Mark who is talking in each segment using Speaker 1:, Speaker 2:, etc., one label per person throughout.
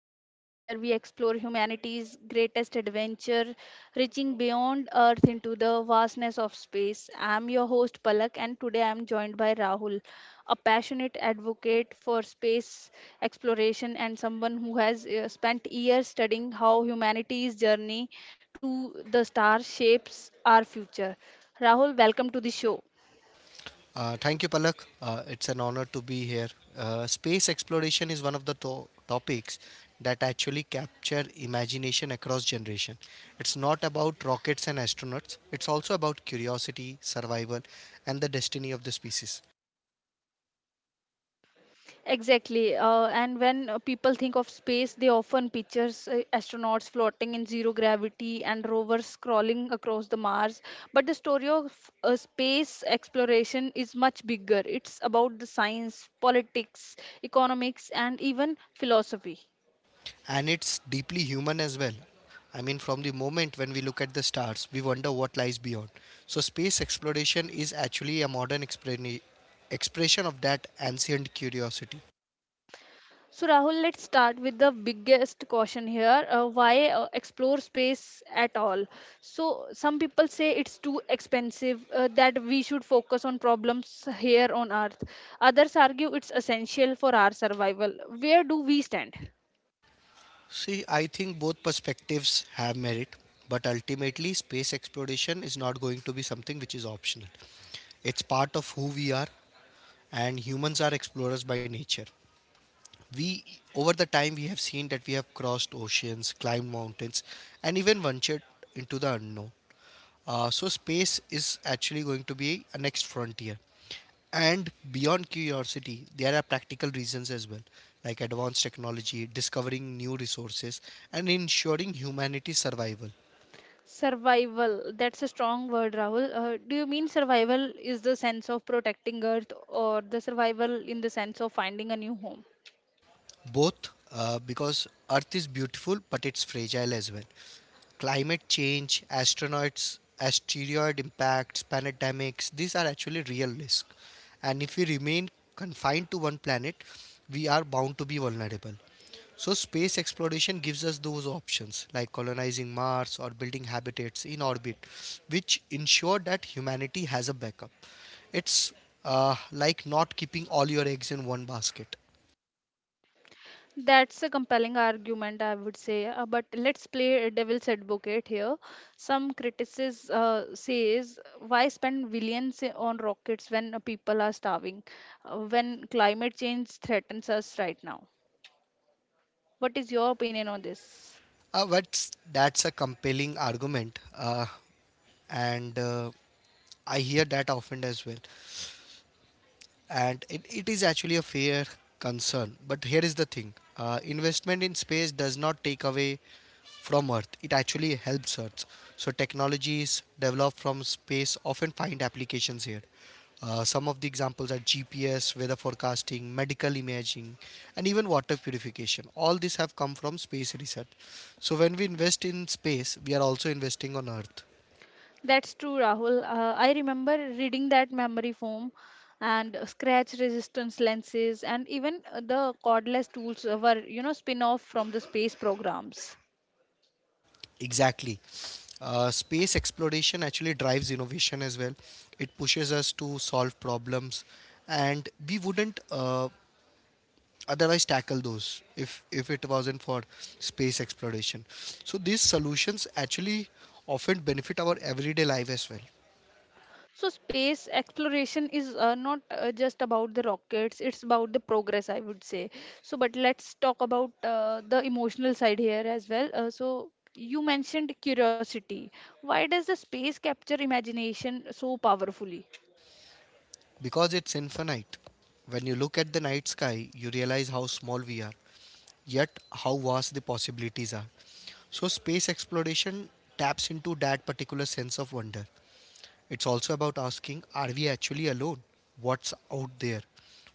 Speaker 1: podcast where we explore humanity's greatest adventure, reaching beyond Earth into the vastness of space. I'm your host, Palak, and today I'm joined by Rahul, a passionate advocate for space exploration and someone who has spent years studying how humanity's journey to the stars shapes our future. Rahul, welcome to the show.
Speaker 2: Thank you, Palak. It's an honor to be here. Space exploration is one of the topics that actually capture imagination across generation. It's not about rockets and astronauts. It's also about curiosity, survival, and the destiny of the species.
Speaker 1: Exactly. And when people think of space, they often pictures astronauts floating in zero gravity and rovers crawling across the Mars. But the story of space exploration is much bigger. It's about the science, politics, economics, and even philosophy.
Speaker 2: And it's deeply human as well. I mean, from the moment when we look at the stars, we wonder what lies beyond. So, space exploration is actually a modern expression of that ancient curiosity.
Speaker 1: So, Rahul, let's start with the biggest caution here. Why explore space at all? So, some people say it's too expensive, that we should focus on problems here on Earth. Others argue it's essential for our survival. Where do we stand?
Speaker 2: See, I think both perspectives have merit, but ultimately, space exploration is not going to be something which is optional. It's part of who we are, and humans are explorers by nature. We, Over the time, we have seen that we have crossed oceans, climbed mountains, and even ventured into the unknown. So, space is actually going to be a next frontier. And beyond curiosity, there are practical reasons as well, like advanced technology, discovering new resources, and ensuring humanity's survival.
Speaker 1: Survival, that's a strong word, Rahul. Do you mean survival is the sense of protecting Earth or the survival in the sense of finding a new home?
Speaker 2: Both, because Earth is beautiful, but it's fragile as well. Climate change, astronauts, asteroid impacts, pandemics, these are actually real risks. And if we remain confined to one planet, we are bound to be vulnerable. So, space exploration gives us those options like colonizing Mars or building habitats in orbit, which ensure that humanity has a backup. It's like not keeping all your eggs in one basket.
Speaker 1: That's a compelling argument, I would say. But let's play a devil's advocate here. Some critics says, why spend billions on rockets when people are starving, when climate change threatens us right now? What is your opinion on this?
Speaker 2: But that's a compelling argument, and I hear that often as well. And it is actually a fair concern, but here is the thing. Investment in space does not take away from Earth, it actually helps Earth. So technologies developed from space often find applications here. Some of the examples are GPS, weather forecasting, medical imaging, and even water purification. All these have come from space research. So when we invest in space, we are also investing on Earth.
Speaker 1: That's true, Rahul. I remember reading that memory foam and scratch resistance lenses and even the cordless tools were, you know, spin off from the space programs.
Speaker 2: Exactly. Space exploration actually drives innovation as well. It pushes us to solve problems, and we wouldn't otherwise tackle those if it wasn't for space exploration. So these solutions actually often benefit our everyday life as well.
Speaker 1: So space exploration is not just about the rockets, it's about the progress, I would say. So, but let's talk about the emotional side here as well. You mentioned curiosity. Why does the space capture imagination so powerfully?
Speaker 2: Because it's infinite. When you look at the night sky, you realize how small we are, yet how vast the possibilities are. So space exploration taps into that particular sense of wonder. It's also about asking, are we actually alone? What's out there?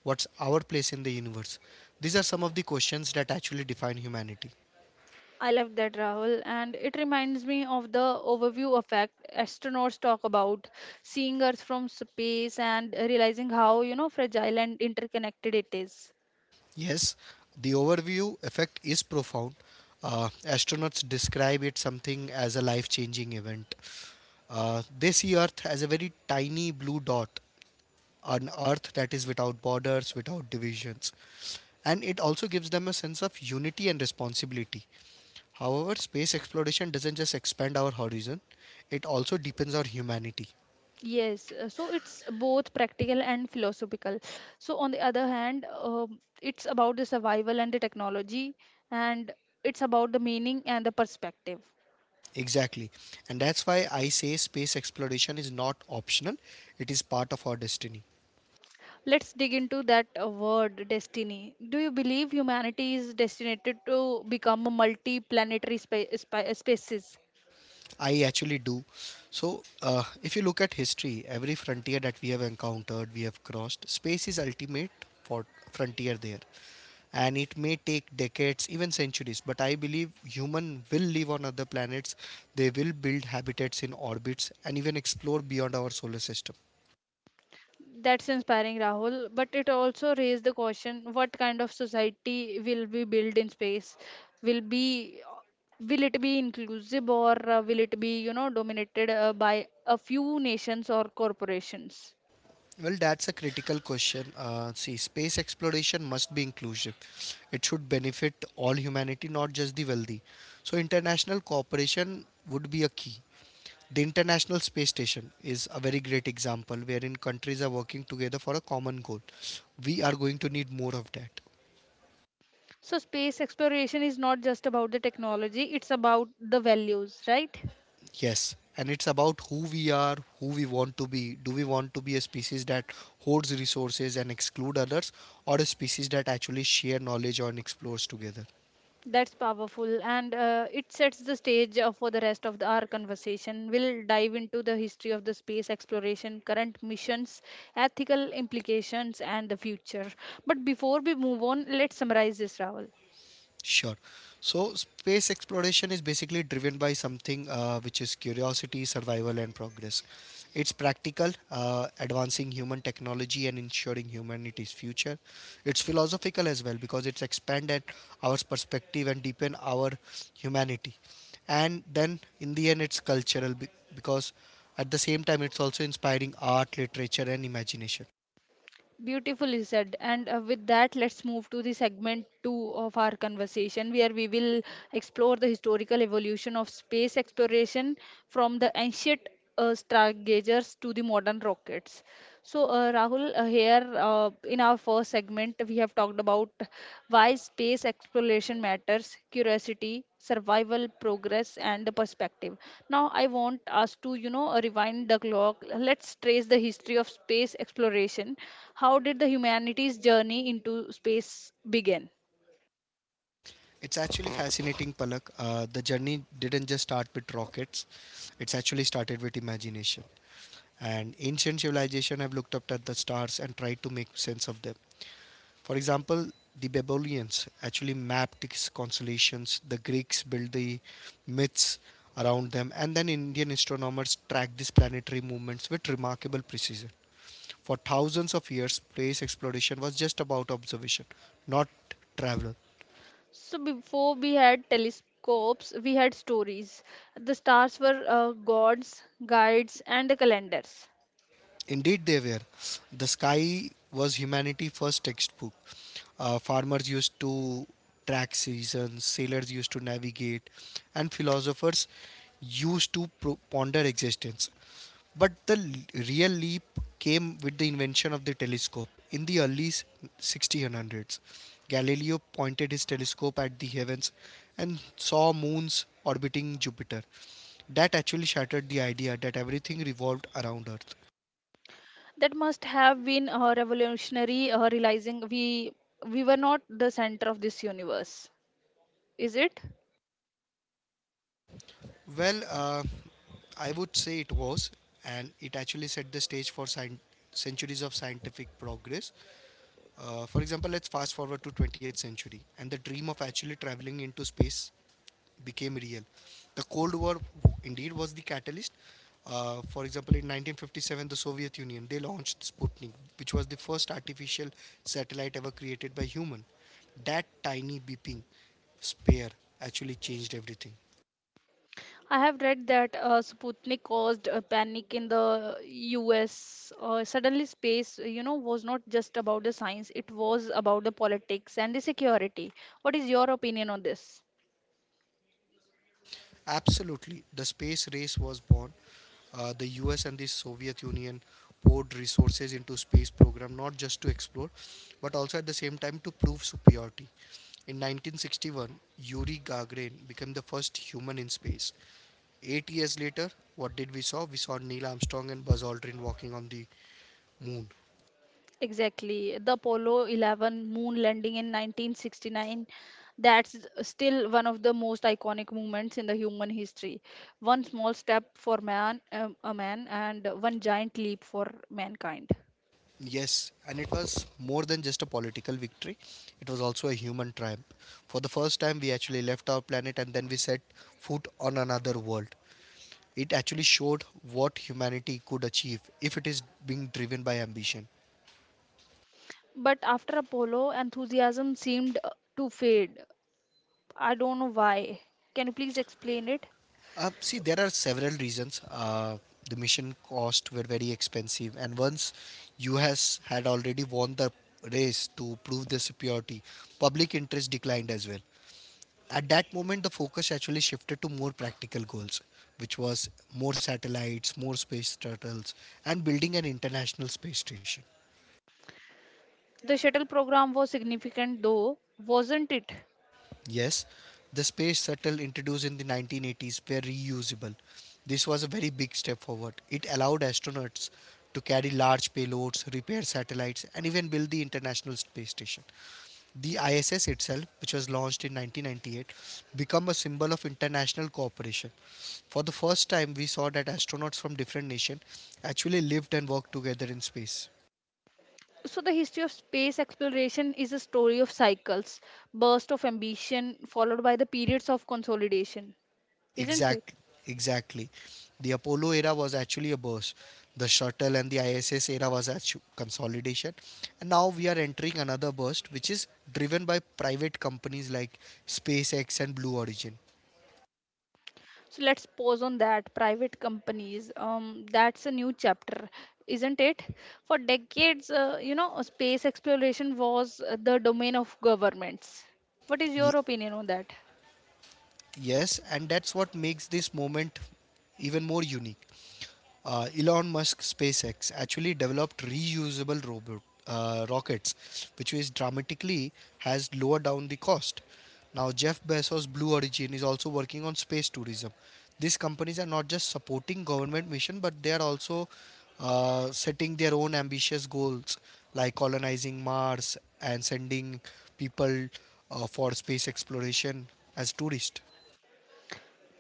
Speaker 2: What's our place in the universe? These are some of the questions that actually define humanity.
Speaker 1: I love that, Rahul, and it reminds me of the overview effect astronauts talk about, seeing Earth from space and realizing how you know fragile and interconnected it is.
Speaker 2: Yes, the overview effect is profound. Astronauts describe it something as a life-changing event. They see Earth as a very tiny blue dot, an Earth that is without borders, without divisions, and it also gives them a sense of unity and responsibility. However, space exploration doesn't just expand our horizon, it also deepens our humanity.
Speaker 1: Yes, so it's both practical and philosophical. So, on the other hand, it's about the survival and the technology, and it's about the meaning and the perspective.
Speaker 2: Exactly. And that's why I say space exploration is not optional, it is part of our destiny.
Speaker 1: Let's dig into that word destiny. Do you believe humanity is destined to become a multi planetary species?
Speaker 2: I actually do. So, if you look at history, every frontier that we have encountered, we have crossed. Space is ultimate for frontier there, and it may take decades, even centuries, but I believe human will live on other planets. They will build habitats in orbits and even explore beyond our solar system.
Speaker 1: That's inspiring, Rahul. But it also raised the question what kind of society will we build in space? Will be will it be inclusive or will it be you know dominated by a few nations or corporations?
Speaker 2: Well, that's a critical question. See, space exploration must be inclusive. It should benefit all humanity, not just the wealthy. So, international cooperation would be a key. The International Space Station is a very great example wherein countries are working together for a common goal. We are going to need more of that.
Speaker 1: So space exploration is not just about the technology, it's about the values, right?
Speaker 2: Yes. And it's about who we are, who we want to be. Do we want to be a species that hoards resources and exclude others, or a species that actually share knowledge and explores together?
Speaker 1: That's powerful, and it sets the stage for the rest of the, our conversation. We'll dive into the history of the space exploration, current missions, ethical implications, and the future. But before we move on, let's summarize this, Raval.
Speaker 2: Sure. So, space exploration is basically driven by something which is curiosity, survival, and progress. It's practical, advancing human technology and ensuring humanity's future. It's philosophical as well because it's expanded our perspective and deepen our humanity. And then, in the end, it's cultural because at the same time, it's also inspiring art, literature, and imagination.
Speaker 1: Beautifully said. And With that, let's move to the segment two of our conversation, where we will explore the historical evolution of space exploration from the ancient stargazers to the modern rockets. Rahul, here in our first segment, we have talked about why space exploration matters, curiosity, survival, progress, and the perspective. Now, I want us to, you know, rewind the clock. Let's trace the history of space exploration. How did the humanity's journey into space begin?
Speaker 2: It's actually fascinating, Palak. The journey didn't just start with rockets. It's actually started with imagination. And ancient civilization have looked up at the stars and tried to make sense of them. For example, the Babylonians actually mapped its constellations. The Greeks built the myths around them. And then Indian astronomers tracked these planetary movements with remarkable precision. For thousands of years, space exploration was just about observation, not travel.
Speaker 1: So before we had telescopes, we had stories. The stars were gods, guides, and the calendars.
Speaker 2: Indeed, they were. The sky was humanity's first textbook. Farmers used to track seasons, sailors used to navigate, and philosophers used to ponder existence. But the real leap came with the invention of the telescope in the early 1600s. Galileo pointed his telescope at the heavens and saw moons orbiting Jupiter. That actually shattered the idea that everything revolved around Earth.
Speaker 1: That must have been revolutionary, realizing we were not the center of this universe, is it?
Speaker 2: Well, I would say it was, and it actually set the stage for centuries of scientific progress. For example, let's fast forward to 20th century, and the dream of actually traveling into space became real. The Cold War indeed was the catalyst. For example, in 1957, the Soviet Union they launched Sputnik, which was the first artificial satellite ever created by human. That tiny beeping spare actually changed everything.
Speaker 1: I have read that sputnik caused a panic in the us. Suddenly space you know was not just about the science, it was about the politics and the security. What is your opinion on this?
Speaker 2: Absolutely, the space race was born. The US and the Soviet Union poured resources into space program, not just to explore but also at the same time to prove superiority. In 1961, Yuri Gagarin became the first human in space. 8 years later, what did we saw? We saw Neil Armstrong and Buzz Aldrin walking on the moon.
Speaker 1: Exactly. The Apollo 11 moon landing in 1969, that's still one of the most iconic moments in the human history. One small step for man, a man, and one giant leap for mankind.
Speaker 2: Yes, and it was more than just a political victory. It was also a human triumph. For the first time, we actually left our planet and then we set foot on another world. It actually showed what humanity could achieve if it is being driven by ambition.
Speaker 1: But after Apollo, enthusiasm seemed to fade. I don't know why. Can you please explain it?
Speaker 2: See, there are several reasons. The mission costs were very expensive, and once U.S. had already won the race to prove their superiority, public interest declined as well. At that moment, the focus actually shifted to more practical goals, which was more satellites, more space shuttles, and building an international space station.
Speaker 1: The shuttle program was significant though, wasn't it?
Speaker 2: Yes, the space shuttle introduced in the 1980s were reusable. This was a very big step forward. It allowed astronauts to carry large payloads, repair satellites, and even build the International Space Station. The ISS itself, which was launched in 1998, became a symbol of international cooperation. For the first time, we saw that astronauts from different nations actually lived and worked together in space.
Speaker 1: So, the history of space exploration is a story of cycles, burst of ambition, followed by the periods of consolidation, isn't it?
Speaker 2: Exactly, exactly. The Apollo era was actually a burst. The shuttle and the ISS era was actually consolidation. And now we are entering another burst, which is driven by private companies like SpaceX and Blue Origin.
Speaker 1: So, let's pause on that. Private companies, that's a new chapter, isn't it? For decades, you know, space exploration was the domain of governments. What is your
Speaker 2: Ye-
Speaker 1: opinion on that?
Speaker 2: yes, and that's what makes this moment even more unique. Elon Musk SpaceX actually developed reusable robot rockets, which is dramatically has lowered down the cost. Now Jeff Bezos Blue Origin is also working on space tourism. These companies are not just supporting government mission, but they are also setting their own ambitious goals like colonizing Mars and sending people for space exploration as tourists.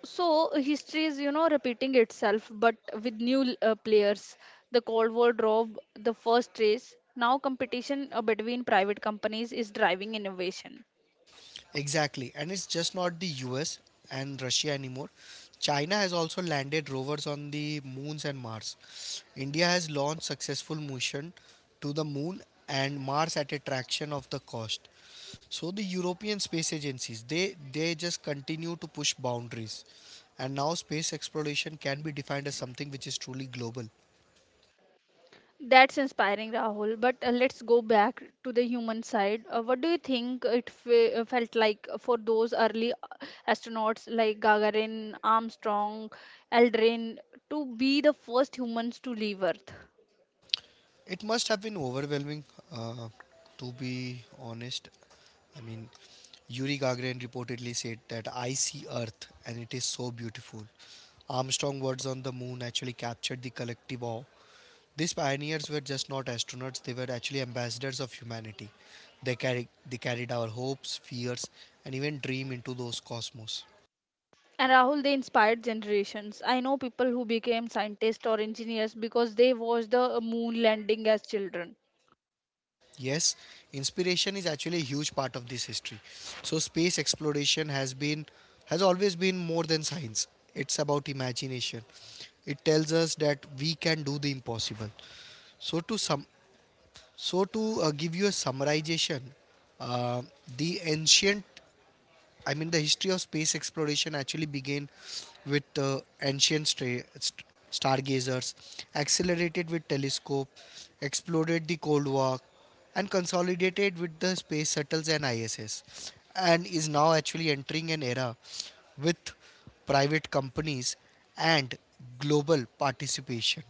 Speaker 1: So history is, you know, repeating itself, but with new players. The Cold War drove the first race. Now competition between private companies is driving innovation.
Speaker 2: Exactly, and it's just not the US and Russia anymore. China has also landed rovers on the moons and Mars. India has launched successful mission to the moon and Mars at a fraction of the cost. So the European space agencies they just continue to push boundaries. And now space exploration can be defined as something which is truly global.
Speaker 1: That's inspiring, Rahul. But let's go back to the human side. What do you think it felt like for those early astronauts like Gagarin, Armstrong, Aldrin to be the first humans to leave Earth?
Speaker 2: It must have been overwhelming, uh, to be honest. I mean, Yuri Gagarin reportedly said that I see Earth and it is so beautiful. Armstrong's words on the moon actually captured the collective awe. These pioneers were just not astronauts, they were actually ambassadors of humanity. They carried our hopes, fears, and even dream into those cosmos.
Speaker 1: And Rahul, they inspired generations. I know people who became scientists or engineers because they watched the moon landing as children.
Speaker 2: Yes, inspiration is actually a huge part of this history. So space exploration has always been more than science. It's about imagination. It tells us that we can do the impossible. So to some so to give you a summarization, uh, the ancient I mean, the history of space exploration actually began with ancient stargazers, accelerated with telescope, exploded the Cold War, and consolidated with the space shuttles and ISS, and is now actually entering an era with private companies and global participation.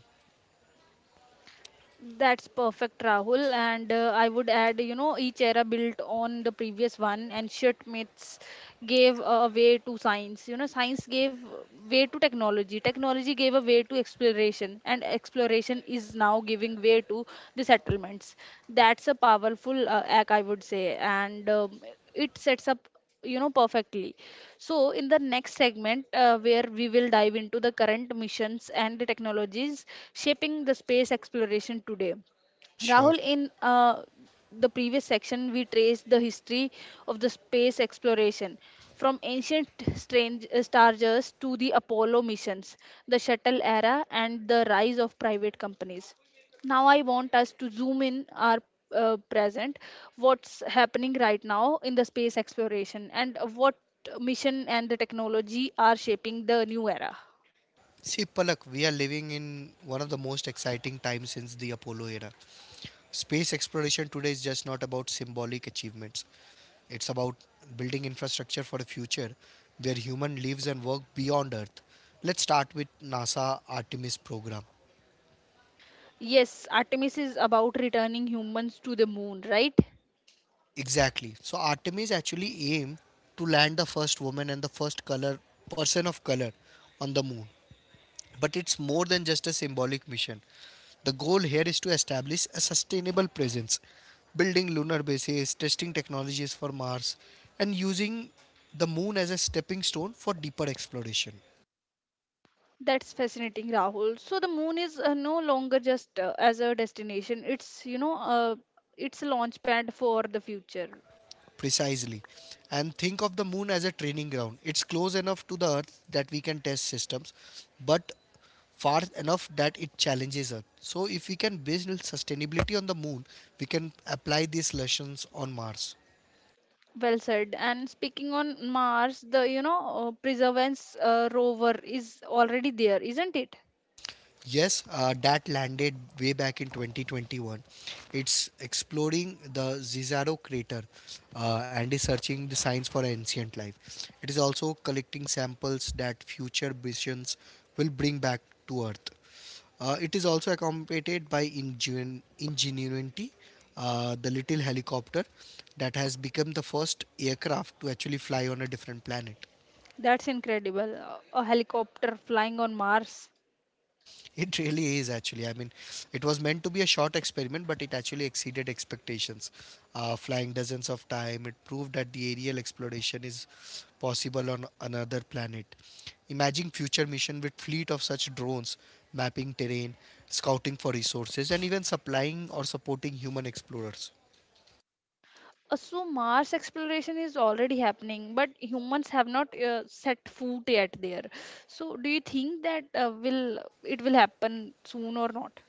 Speaker 1: That's perfect, Rahul. And I would add, you know, each era built on the previous one, and shit myths gave a way to science. You know, science gave way to technology. Technology gave a way to exploration, and exploration is now giving way to the settlements. That's a powerful act, I would say, and it sets up you know perfectly. So, in the next segment, where we will dive into the current missions and the technologies shaping the space exploration today.
Speaker 2: Sure.
Speaker 1: Rahul, in the previous section, we traced the history of the space exploration from ancient stargers to the Apollo missions, the shuttle era, and the rise of private companies. Now I want us to zoom in our present. What's happening right now in the space exploration, and what mission and the technology are shaping the new era?
Speaker 2: See, Palak, we are living in one of the most exciting times since the Apollo era. Space exploration today is just not about symbolic achievements. It's about building infrastructure for a future where human lives and work beyond Earth. Let's start with NASA Artemis program.
Speaker 1: Yes, artemis is about returning humans to the moon, right?
Speaker 2: Exactly. So Artemis actually aimed to land the first woman and the first color person of color on the moon. But it's more than just a symbolic mission. The goal here is to establish a sustainable presence, building lunar bases, testing technologies for Mars, and using the moon as a stepping stone for deeper exploration.
Speaker 1: That's fascinating, rahul. So the moon is no longer just as a destination, it's you know it's a launch pad for the future.
Speaker 2: Precisely. And think of the moon as a training ground. It's close enough to the Earth that we can test systems, but far enough that it challenges us. So, if we can build sustainability on the moon, we can apply these lessons on Mars.
Speaker 1: Well said. And speaking on Mars, the you know Perseverance rover is already there, isn't it?
Speaker 2: Yes, that landed way back in 2021. It's exploring the Zizaro crater and is searching the signs for ancient life. It is also collecting samples that future missions will bring back to Earth. It is also accompanied by Ingenuity, the little helicopter that has become the first aircraft to actually fly on a different planet.
Speaker 1: That's incredible. A helicopter flying on Mars.
Speaker 2: It really is actually. I mean, it was meant to be a short experiment, but it actually exceeded expectations. Flying dozens of times, it proved that the aerial exploration is possible on another planet. Imagine future mission with fleet of such drones, mapping terrain, scouting for resources, and even supplying or supporting human explorers.
Speaker 1: So Mars exploration is already happening, but humans have not set foot yet there. So do you think that will it will happen soon or not?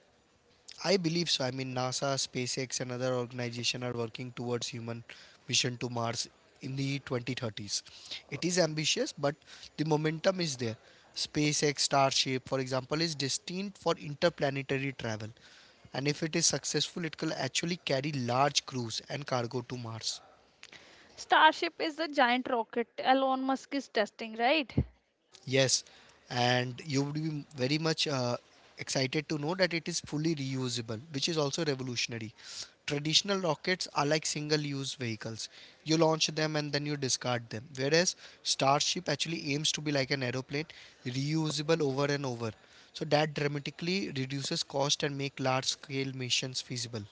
Speaker 2: I believe so. I mean, NASA, SpaceX, and other organizations are working towards human mission to Mars in the 2030s. It is ambitious, but the momentum is there. SpaceX Starship, for example, is destined for interplanetary travel, and if it is successful, it will actually carry large crews and cargo to Mars.
Speaker 1: Starship is the giant rocket Elon Musk is testing, right?
Speaker 2: Yes, and you would be very much excited to know that it is fully reusable, which is also revolutionary. Traditional rockets are like single use vehicles. You launch them and then you discard them. Whereas Starship actually aims to be like an aeroplane, reusable over and over. So that dramatically reduces cost and make large scale missions feasible.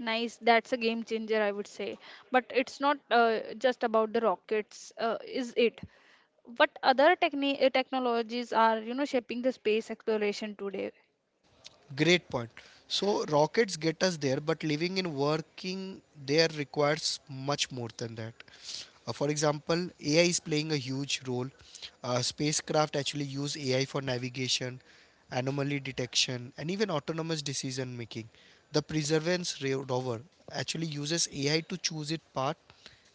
Speaker 1: Nice. That's a game changer, I would say. But it's not just about the rockets, is it? What other technologies are you know shaping the space exploration today?
Speaker 2: Great point. So rockets get us there, but living and working there requires much more than that. For example, AI is playing a huge role. Spacecraft actually use AI for navigation, anomaly detection, and even autonomous decision making. The Perseverance rover actually uses AI to choose its path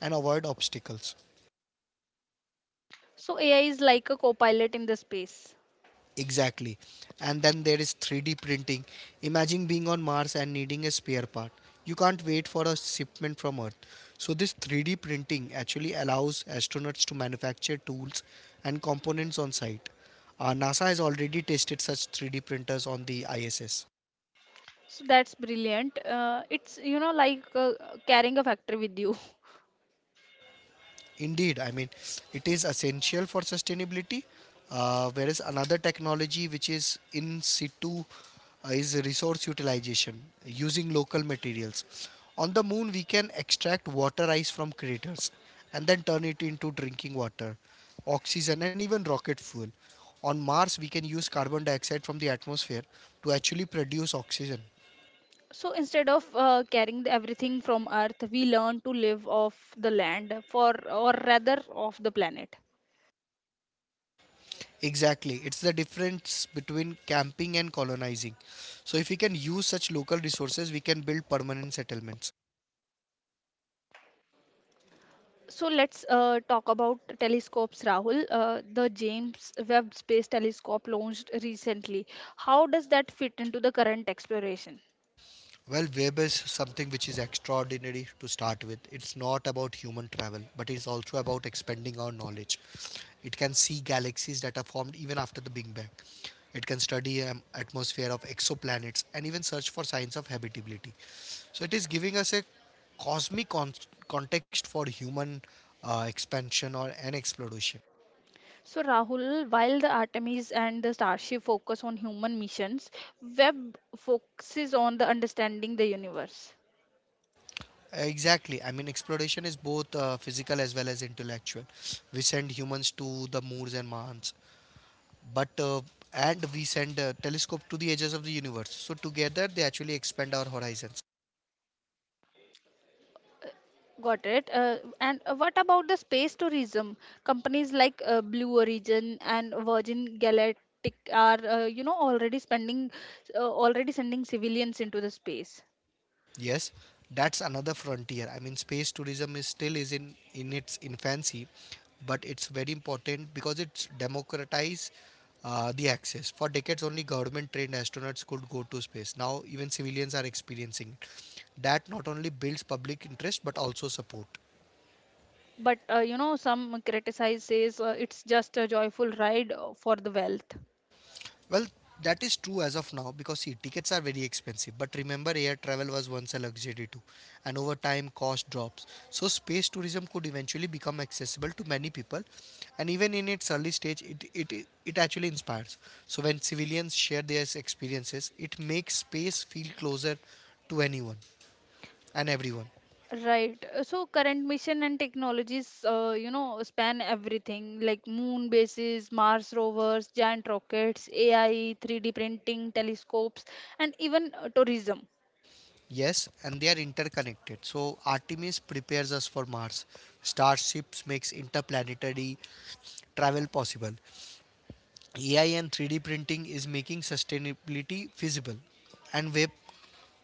Speaker 2: and avoid obstacles.
Speaker 1: So AI is like a co-pilot in the space.
Speaker 2: Exactly. And then there is 3D printing. Imagine being on Mars and needing a spare part. You can't wait for a shipment from Earth. So, this 3D printing actually allows astronauts to manufacture tools and components on site. NASA has already tested such 3D printers on the ISS.
Speaker 1: So that's brilliant. It's you know like carrying a factory with you.
Speaker 2: Indeed, I mean, it is essential for sustainability. Whereas another technology which is in situ is resource utilization using local materials. On the moon, we can extract water ice from craters and then turn it into drinking water, oxygen, and even rocket fuel. On Mars, we can use carbon dioxide from the atmosphere to actually produce oxygen.
Speaker 1: So instead of carrying the everything from Earth, we learn to live off the land, for or rather off the planet.
Speaker 2: Exactly. It's the difference between camping and colonizing. So, if we can use such local resources, we can build permanent settlements.
Speaker 1: So let's talk about telescopes, Rahul. The James Webb Space Telescope launched recently. How does that fit into the current exploration?
Speaker 2: Well, web is something which is extraordinary to start with. It's not about human travel, but it's also about expanding our knowledge. It can see galaxies that are formed even after the Big Bang. It can study atmosphere of exoplanets and even search for signs of habitability. So, it is giving us a cosmic con- context for human expansion or an exploration.
Speaker 1: So, Rahul, while the Artemis and the Starship focus on human missions, Webb focuses on the understanding the universe.
Speaker 2: Exactly. I mean, exploration is both physical as well as intellectual. We send humans to the moons and Mars, but and we send a telescope to the edges of the universe. So together, they actually expand our horizons.
Speaker 1: Got it. And what about the space tourism? Companies like Blue Origin and Virgin Galactic are, you know, already spending, already sending civilians into the space.
Speaker 2: Yes, that's another frontier. I mean, space tourism is still is in its infancy, but it's very important because it's democratize the access. For decades, only government-trained astronauts could go to space. Now, even civilians are experiencing. It. That not only builds public interest but also support.
Speaker 1: But you know, some criticize says it's just a joyful ride for the wealth.
Speaker 2: Well, that is true as of now because see, tickets are very expensive. But remember, air travel was once a luxury too, and over time, cost drops. So, space tourism could eventually become accessible to many people, and even in its early stage, it actually inspires. So, when civilians share their experiences, it makes space feel closer to anyone and everyone.
Speaker 1: Right. So current mission and technologies, you know, span everything like moon bases, Mars rovers, giant rockets, AI, 3D printing, telescopes, and even tourism.
Speaker 2: Yes, and they are interconnected. So Artemis prepares us for Mars. Starships makes interplanetary travel possible. AI and 3D printing is making sustainability feasible and web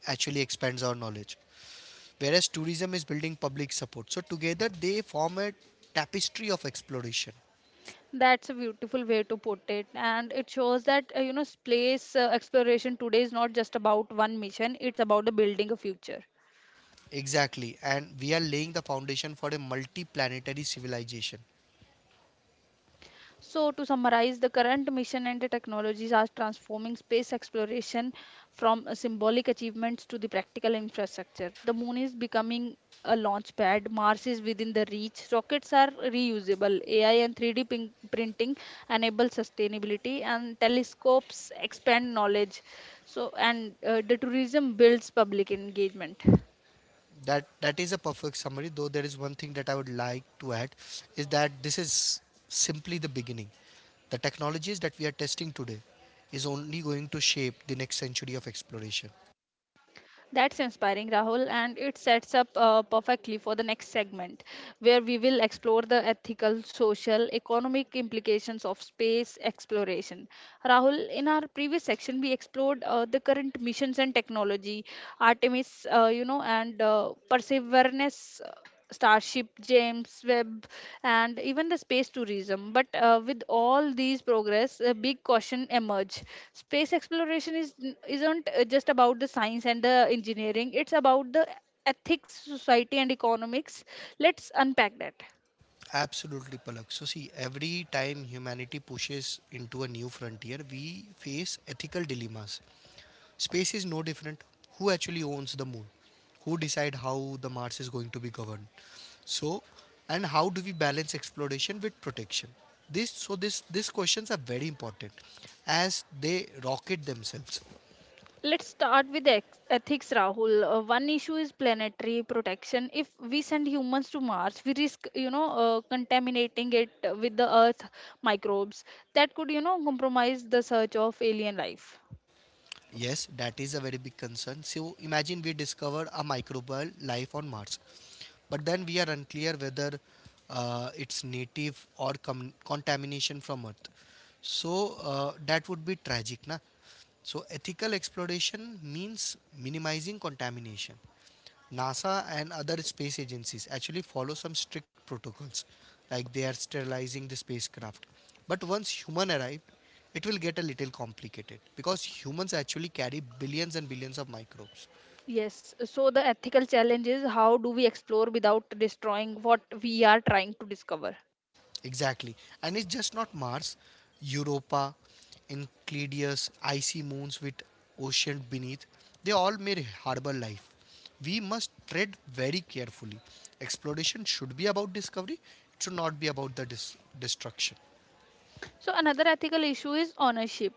Speaker 2: actually expands our knowledge. Whereas tourism is building public support. So together they form a tapestry of exploration.
Speaker 1: That's a beautiful way to put it, and it shows that you know, space exploration today is not just about one mission; it's about the building a future.
Speaker 2: Exactly. And we are laying the foundation for a multi-planetary civilization.
Speaker 1: So, to summarize, the current mission and the technologies are transforming space exploration from symbolic achievements to the practical infrastructure. The moon is becoming a launch pad, Mars is within the reach, rockets are reusable, AI and printing enable sustainability, and telescopes expand knowledge. So, and the tourism builds public engagement.
Speaker 2: That is a perfect summary, though there is one thing that I would like to add is that this is simply the beginning. The technologies that we are testing today is only going to shape the next century of exploration.
Speaker 1: That's inspiring, Rahul, and it sets up perfectly for the next segment, where we will explore the ethical, social, economic implications of space exploration. Rahul, in our previous section, we explored the current missions and technology, Artemis, and Perseverance, Starship, James Webb, and even the space tourism. But with all these progress, a big caution emerge. Space exploration isn't just about the science and the engineering; it's about the ethics, society, and economics. Let's unpack that.
Speaker 2: Absolutely, Palak. So, see, every time humanity pushes into a new frontier, we face ethical dilemmas. Space is no different. Who actually owns the moon? Who decide how the Mars is going to be governed? So, and how do we balance exploration with protection? This so this these questions are very important as they rocket themselves.
Speaker 1: Let's start with ethics, Rahul. One issue is planetary protection. If we send humans to Mars, we risk, you know, contaminating it with the Earth microbes that could, you know, compromise the search of alien life.
Speaker 2: Yes, that is a very big concern. So imagine we discover a microbial life on Mars, but then we are unclear whether it's native or contamination from Earth. So that would be tragic, na? So ethical exploration means minimizing contamination. NASA and other space agencies actually follow some strict protocols, like they are sterilizing the spacecraft. But once human arrive, it will get a little complicated because humans actually carry billions and billions of microbes.
Speaker 1: Yes, so the ethical challenge is how do we explore without destroying what we are trying to discover?
Speaker 2: Exactly. And it's just not Mars, Europa, Enceladus, icy moons with ocean beneath, they all may harbor life. We must tread very carefully. Exploration should be about discovery, it should not be about the destruction.
Speaker 1: So another ethical issue is ownership.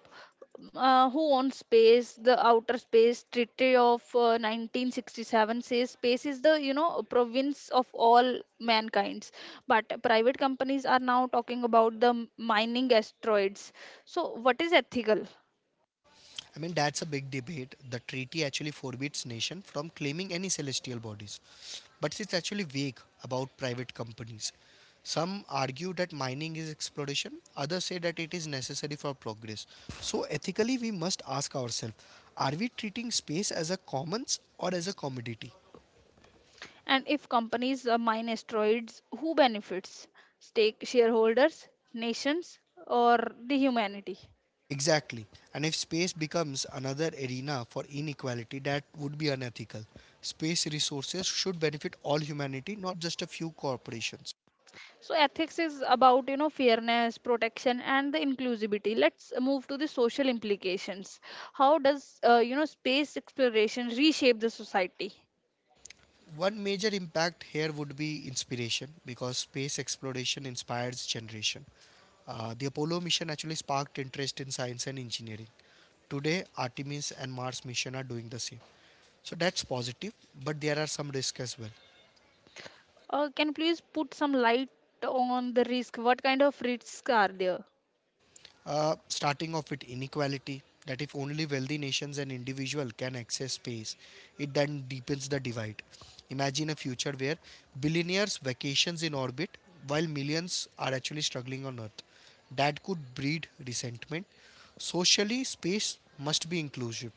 Speaker 1: Who owns space? The outer space treaty of 1967 says space is the province of all mankinds. But private companies are now talking about the mining asteroids. So what is ethical?
Speaker 2: I mean, that's a big debate. The treaty actually forbids nation from claiming any celestial bodies, but it's actually vague about private companies. Some argue that mining is exploration, others say that it is necessary for progress. So, ethically, we must ask ourselves are we treating space as a commons or as a commodity?
Speaker 1: And if companies mine asteroids, who benefits? Stake shareholders, nations, or the humanity?
Speaker 2: Exactly. And if space becomes another arena for inequality, that would be unethical. Space resources should benefit all humanity, not just a few corporations.
Speaker 1: So ethics is about fairness, protection, and the inclusivity. Let's move to the social implications. How does space exploration reshape the society?
Speaker 2: One major impact here would be inspiration because space exploration inspires generation. The Apollo mission actually sparked interest in science and engineering. Today, Artemis and Mars mission are doing the same. So that's positive, but there are some risks as well.
Speaker 1: Can you please put some light on the risk? What kind of risks are there?
Speaker 2: Starting off with inequality, that if only wealthy nations and individuals can access space, it then deepens the divide. Imagine a future where billionaires vacations in orbit while millions are actually struggling on Earth. That could breed resentment. Socially, space must be inclusive.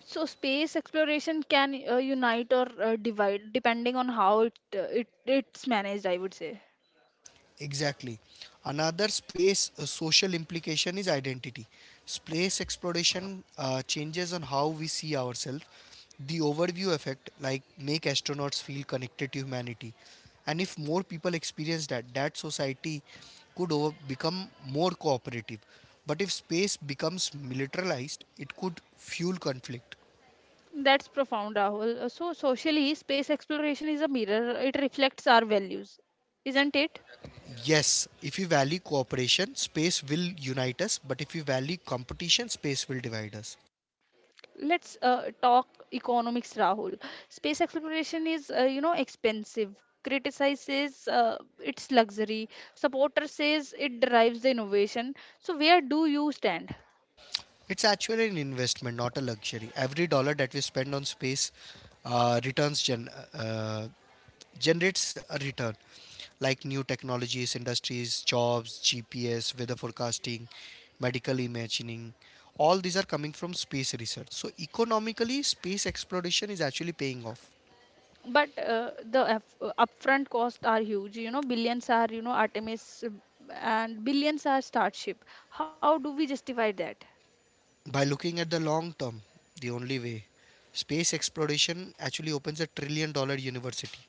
Speaker 1: So space exploration can unite or divide depending on how it's managed, I would say.
Speaker 2: Exactly. Another space social implication is identity. Space exploration changes on how we see ourselves. The overview effect, like make astronauts feel connected to humanity, and if more people experience that, that society could become more cooperative. But if space becomes militarized, it could fuel conflict.
Speaker 1: That's profound, Rahul. So socially, space exploration is a mirror. It reflects our values, isn't it?
Speaker 2: Yes, if we value cooperation, space will unite us. But if we value competition, space will divide us.
Speaker 1: Let's talk economics, Rahul. Space exploration is, expensive. Criticizes its luxury, supporter says it drives the innovation. So where do you stand?
Speaker 2: It's actually an investment, not a luxury. Every dollar that we spend on space uh, returns gen- uh, generates a return, like new technologies, industries, jobs, GPS, weather forecasting, medical imaging. All these are coming from space research. So economically, space exploration is actually paying off
Speaker 1: But upfront costs are huge. Billions are Artemis, and billions are Starship. How do we justify that?
Speaker 2: by looking at the long term. The only way, space exploration actually opens a $1 trillion university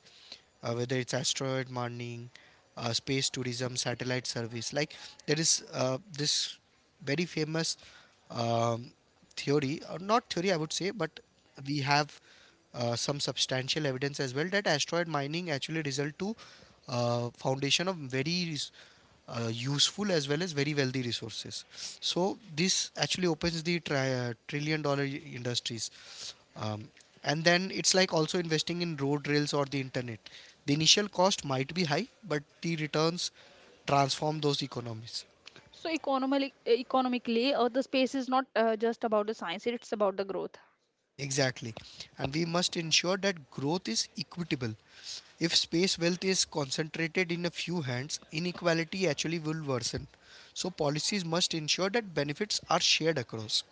Speaker 2: whether it's asteroid mining, space tourism, satellite service. Like there is this very famous um, theory, or not theory, I would say, but we have some substantial evidence as well that asteroid mining actually result to foundation of very useful as well as very wealthy resources. So this actually opens the $1 trillion industries. Um, and then it's like also investing in road rails or the internet. The initial cost might be high, but the returns transform those economies.
Speaker 1: So economically, the space is not just about the science, it's about the growth.
Speaker 2: Exactly. And we must ensure that growth is equitable. If space wealth is concentrated in a few hands, inequality actually will worsen. So policies must ensure that benefits are shared across.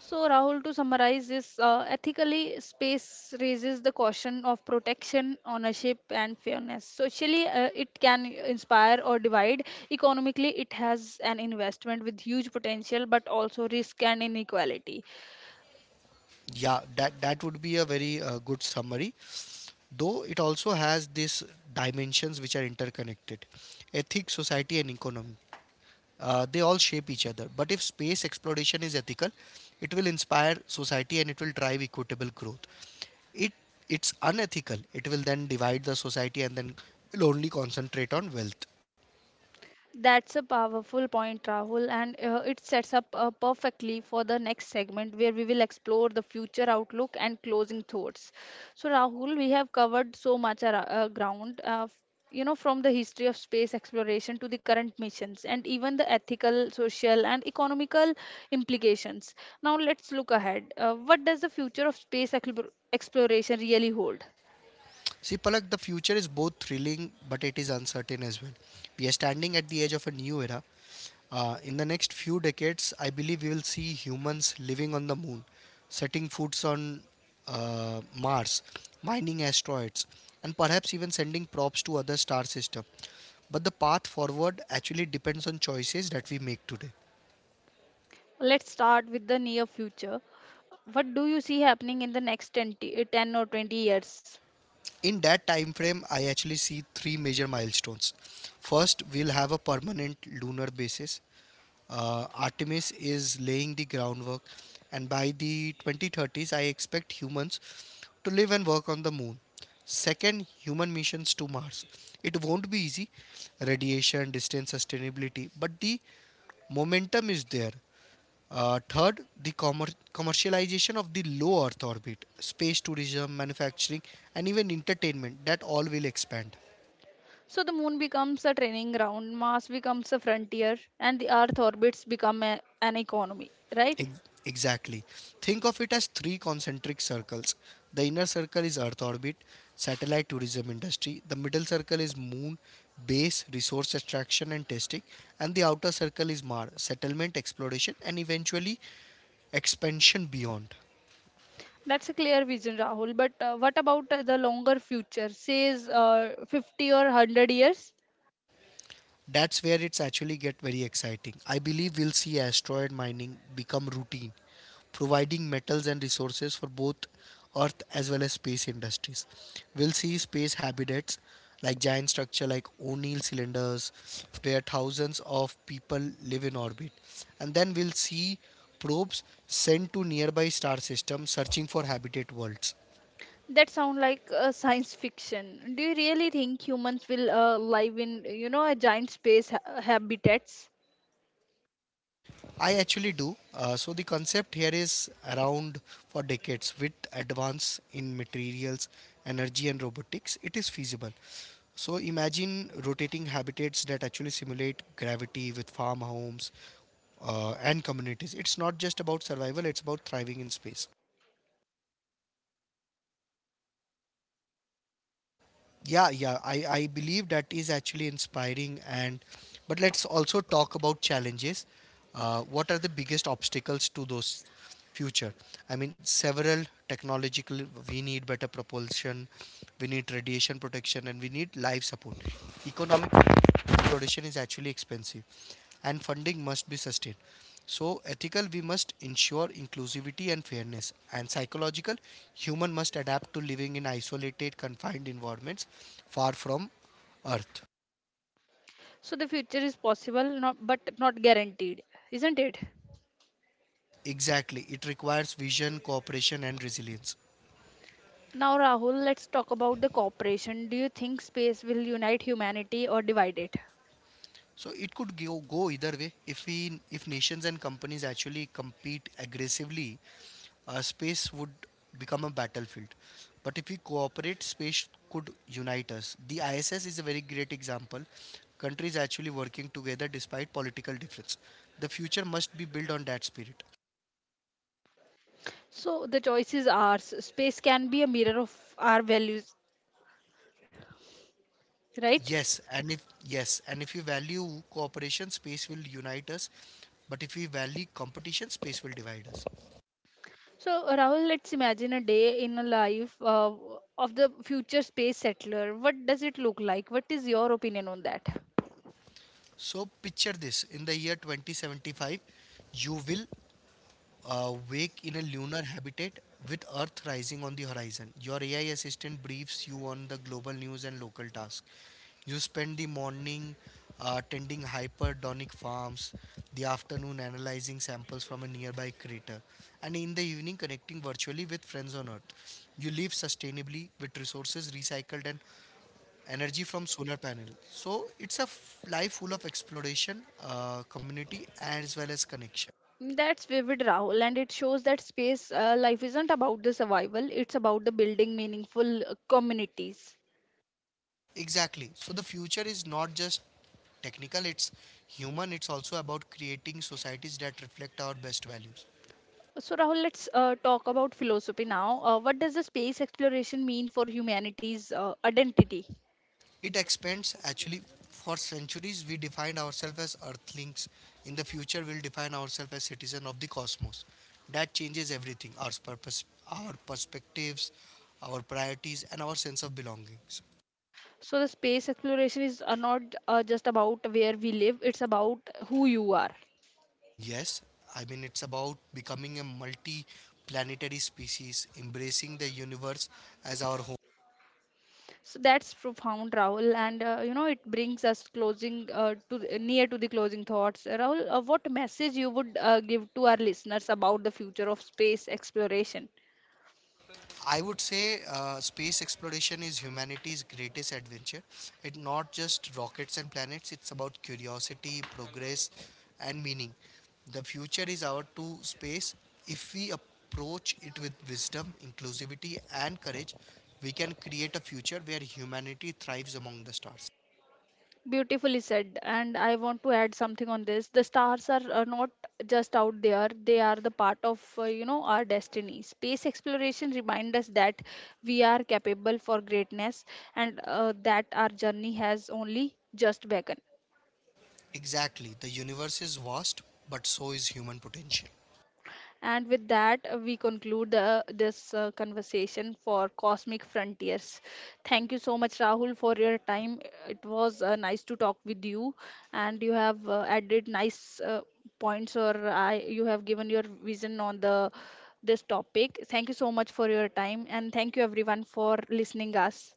Speaker 1: So, Rahul, to summarize this, ethically, space raises the caution of protection, ownership, and fairness. Socially, it can inspire or divide. Economically, it has an investment with huge potential, but also risk and inequality.
Speaker 2: Yeah, that would be a very good summary. Though it also has these dimensions which are interconnected: ethics, society, and economy. They all shape each other. But if space exploration is ethical, it will inspire society and it will drive equitable growth. It it's unethical. It will then divide the society and then will only concentrate on wealth.
Speaker 1: That's a powerful point, Rahul, and it sets up perfectly for the next segment where we will explore the future outlook and closing thoughts. So, Rahul, we have covered so much ground. From the history of space exploration to the current missions, and even the ethical, social, and economical implications. Now, let's look ahead. What does the future of space exploration really hold?
Speaker 2: See, Palak, the future is both thrilling but it is uncertain as well. We are standing at the edge of a new era. In the next few decades, I believe we will see humans living on the moon, setting foots on Mars, mining asteroids, and perhaps even sending probes to other star systems. But the path forward actually depends on choices that we make today.
Speaker 1: Let's start with the near future. What do you see happening in the next 10 or 20 years?
Speaker 2: In that time frame, I actually see three major milestones. First, we'll have a permanent lunar basis. Artemis is laying the groundwork, and by the 2030s, I expect humans to live and work on the moon. Second, human missions to Mars. It won't be easy, radiation, distance, sustainability, but the momentum is there. Third, the commercialization of the low Earth orbit, space tourism, manufacturing, and even entertainment that all will expand.
Speaker 1: So the moon becomes a training ground, Mars becomes a frontier, and the Earth orbits become an economy, right?
Speaker 2: Ex- Exactly. Think of it as three concentric circles. The inner circle is Earth orbit, satellite tourism industry. The middle circle is moon, base, resource extraction and testing. And the outer circle is Mars, settlement, exploration, and eventually expansion beyond.
Speaker 1: That's a clear vision, Rahul. But what about the longer future, says 50 or 100 years?
Speaker 2: That's where it's actually get very exciting. I believe we'll see asteroid mining become routine, providing metals and resources for both Earth as well as space industries. We'll see space habitats like giant structure like O'Neill cylinders where thousands of people live in orbit. And then we'll see probes sent to nearby star systems searching for habitat worlds.
Speaker 1: That sound like science fiction. Do you really think humans will live in, a giant space habitats?
Speaker 2: I actually do. So the concept here is around for decades. With advance in materials, energy and robotics, it is feasible. So imagine rotating habitats that actually simulate gravity with farmhomes and communities. It's not just about survival, it's about thriving in space. Yeah, yeah, I believe that is actually inspiring, and but let's also talk about challenges. What are the biggest obstacles to those future? I mean, several technological. We need better propulsion, we need radiation protection, and we need life support. Economic, production is actually expensive and funding must be sustained. So, ethical, we must ensure inclusivity and fairness. And psychological, human must adapt to living in isolated, confined environments far from Earth.
Speaker 1: So the future is possible, not but not guaranteed, isn't it?
Speaker 2: Exactly. It requires vision, cooperation, and resilience.
Speaker 1: Now, Rahul, let's talk about the cooperation. Do you think space will unite humanity or divide it?
Speaker 2: So it could go either way. If nations and companies actually compete aggressively, space would become a battlefield. But if we cooperate, space could unite us. The ISS is a very great example. Countries actually working together despite political difference. The future must be built on that spirit.
Speaker 1: So, the choice is ours. Space can be a mirror of our values, right?
Speaker 2: Yes, and if we value cooperation, space will unite us. But if we value competition, space will divide us.
Speaker 1: So, Rahul, let's imagine a day in a life of the future space settler. What does it look like? What is your opinion on that?
Speaker 2: So picture this: in the year 2075, you will wake in a lunar habitat with Earth rising on the horizon. Your AI assistant briefs you on the global news and local tasks. You spend the morning tending hyperdonic farms, the afternoon analyzing samples from a nearby crater, and in the evening connecting virtually with friends on Earth. You live sustainably with resources recycled and energy from solar panel. So it's a life full of exploration, community, as well as connection.
Speaker 1: That's vivid, Rahul, and it shows that space life isn't about the survival, it's about the building meaningful communities.
Speaker 2: Exactly. So the future is not just technical, it's human. It's also about creating societies that reflect our best values.
Speaker 1: So, Rahul, let's talk about philosophy now. What does the space exploration mean for humanity's identity?
Speaker 2: It expands actually. For centuries, we defined ourselves as earthlings. In the future, we'll define ourselves as citizens of the cosmos. That changes everything: our purpose, our perspectives, our priorities, and our sense of belonging. So,
Speaker 1: So, the space exploration is not just about where we live, it's about who you are.
Speaker 2: yes, I mean, it's about becoming a multi planetary species, embracing the universe as our home.
Speaker 1: So, that's profound, Rahul, and it brings us closing near to the closing thoughts. Rahul, what message you would give to our listeners about the future of space exploration?
Speaker 2: I would say space exploration is humanity's greatest adventure. It's not just rockets and planets, it's about curiosity, progress, and meaning. The future is our to space. If we approach it with wisdom, inclusivity, and courage, we can create a future where humanity thrives among the stars.
Speaker 1: Beautifully said. And I want to add something on this. The stars are not just out there, they are the part of, our destiny. Space exploration reminds us that we are capable for greatness and that our journey has only just begun.
Speaker 2: Exactly. The universe is vast, but so is human potential.
Speaker 1: And with that, we conclude this conversation for Cosmic Frontiers. Thank you so much, Rahul, for your time. It was nice to talk with you, and you have added nice points, you have given your vision on the this topic. Thank you so much for your time, and thank you everyone for listening us.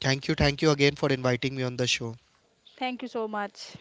Speaker 2: Thank you. Thank you again for inviting me on the show.
Speaker 1: Thank you so much.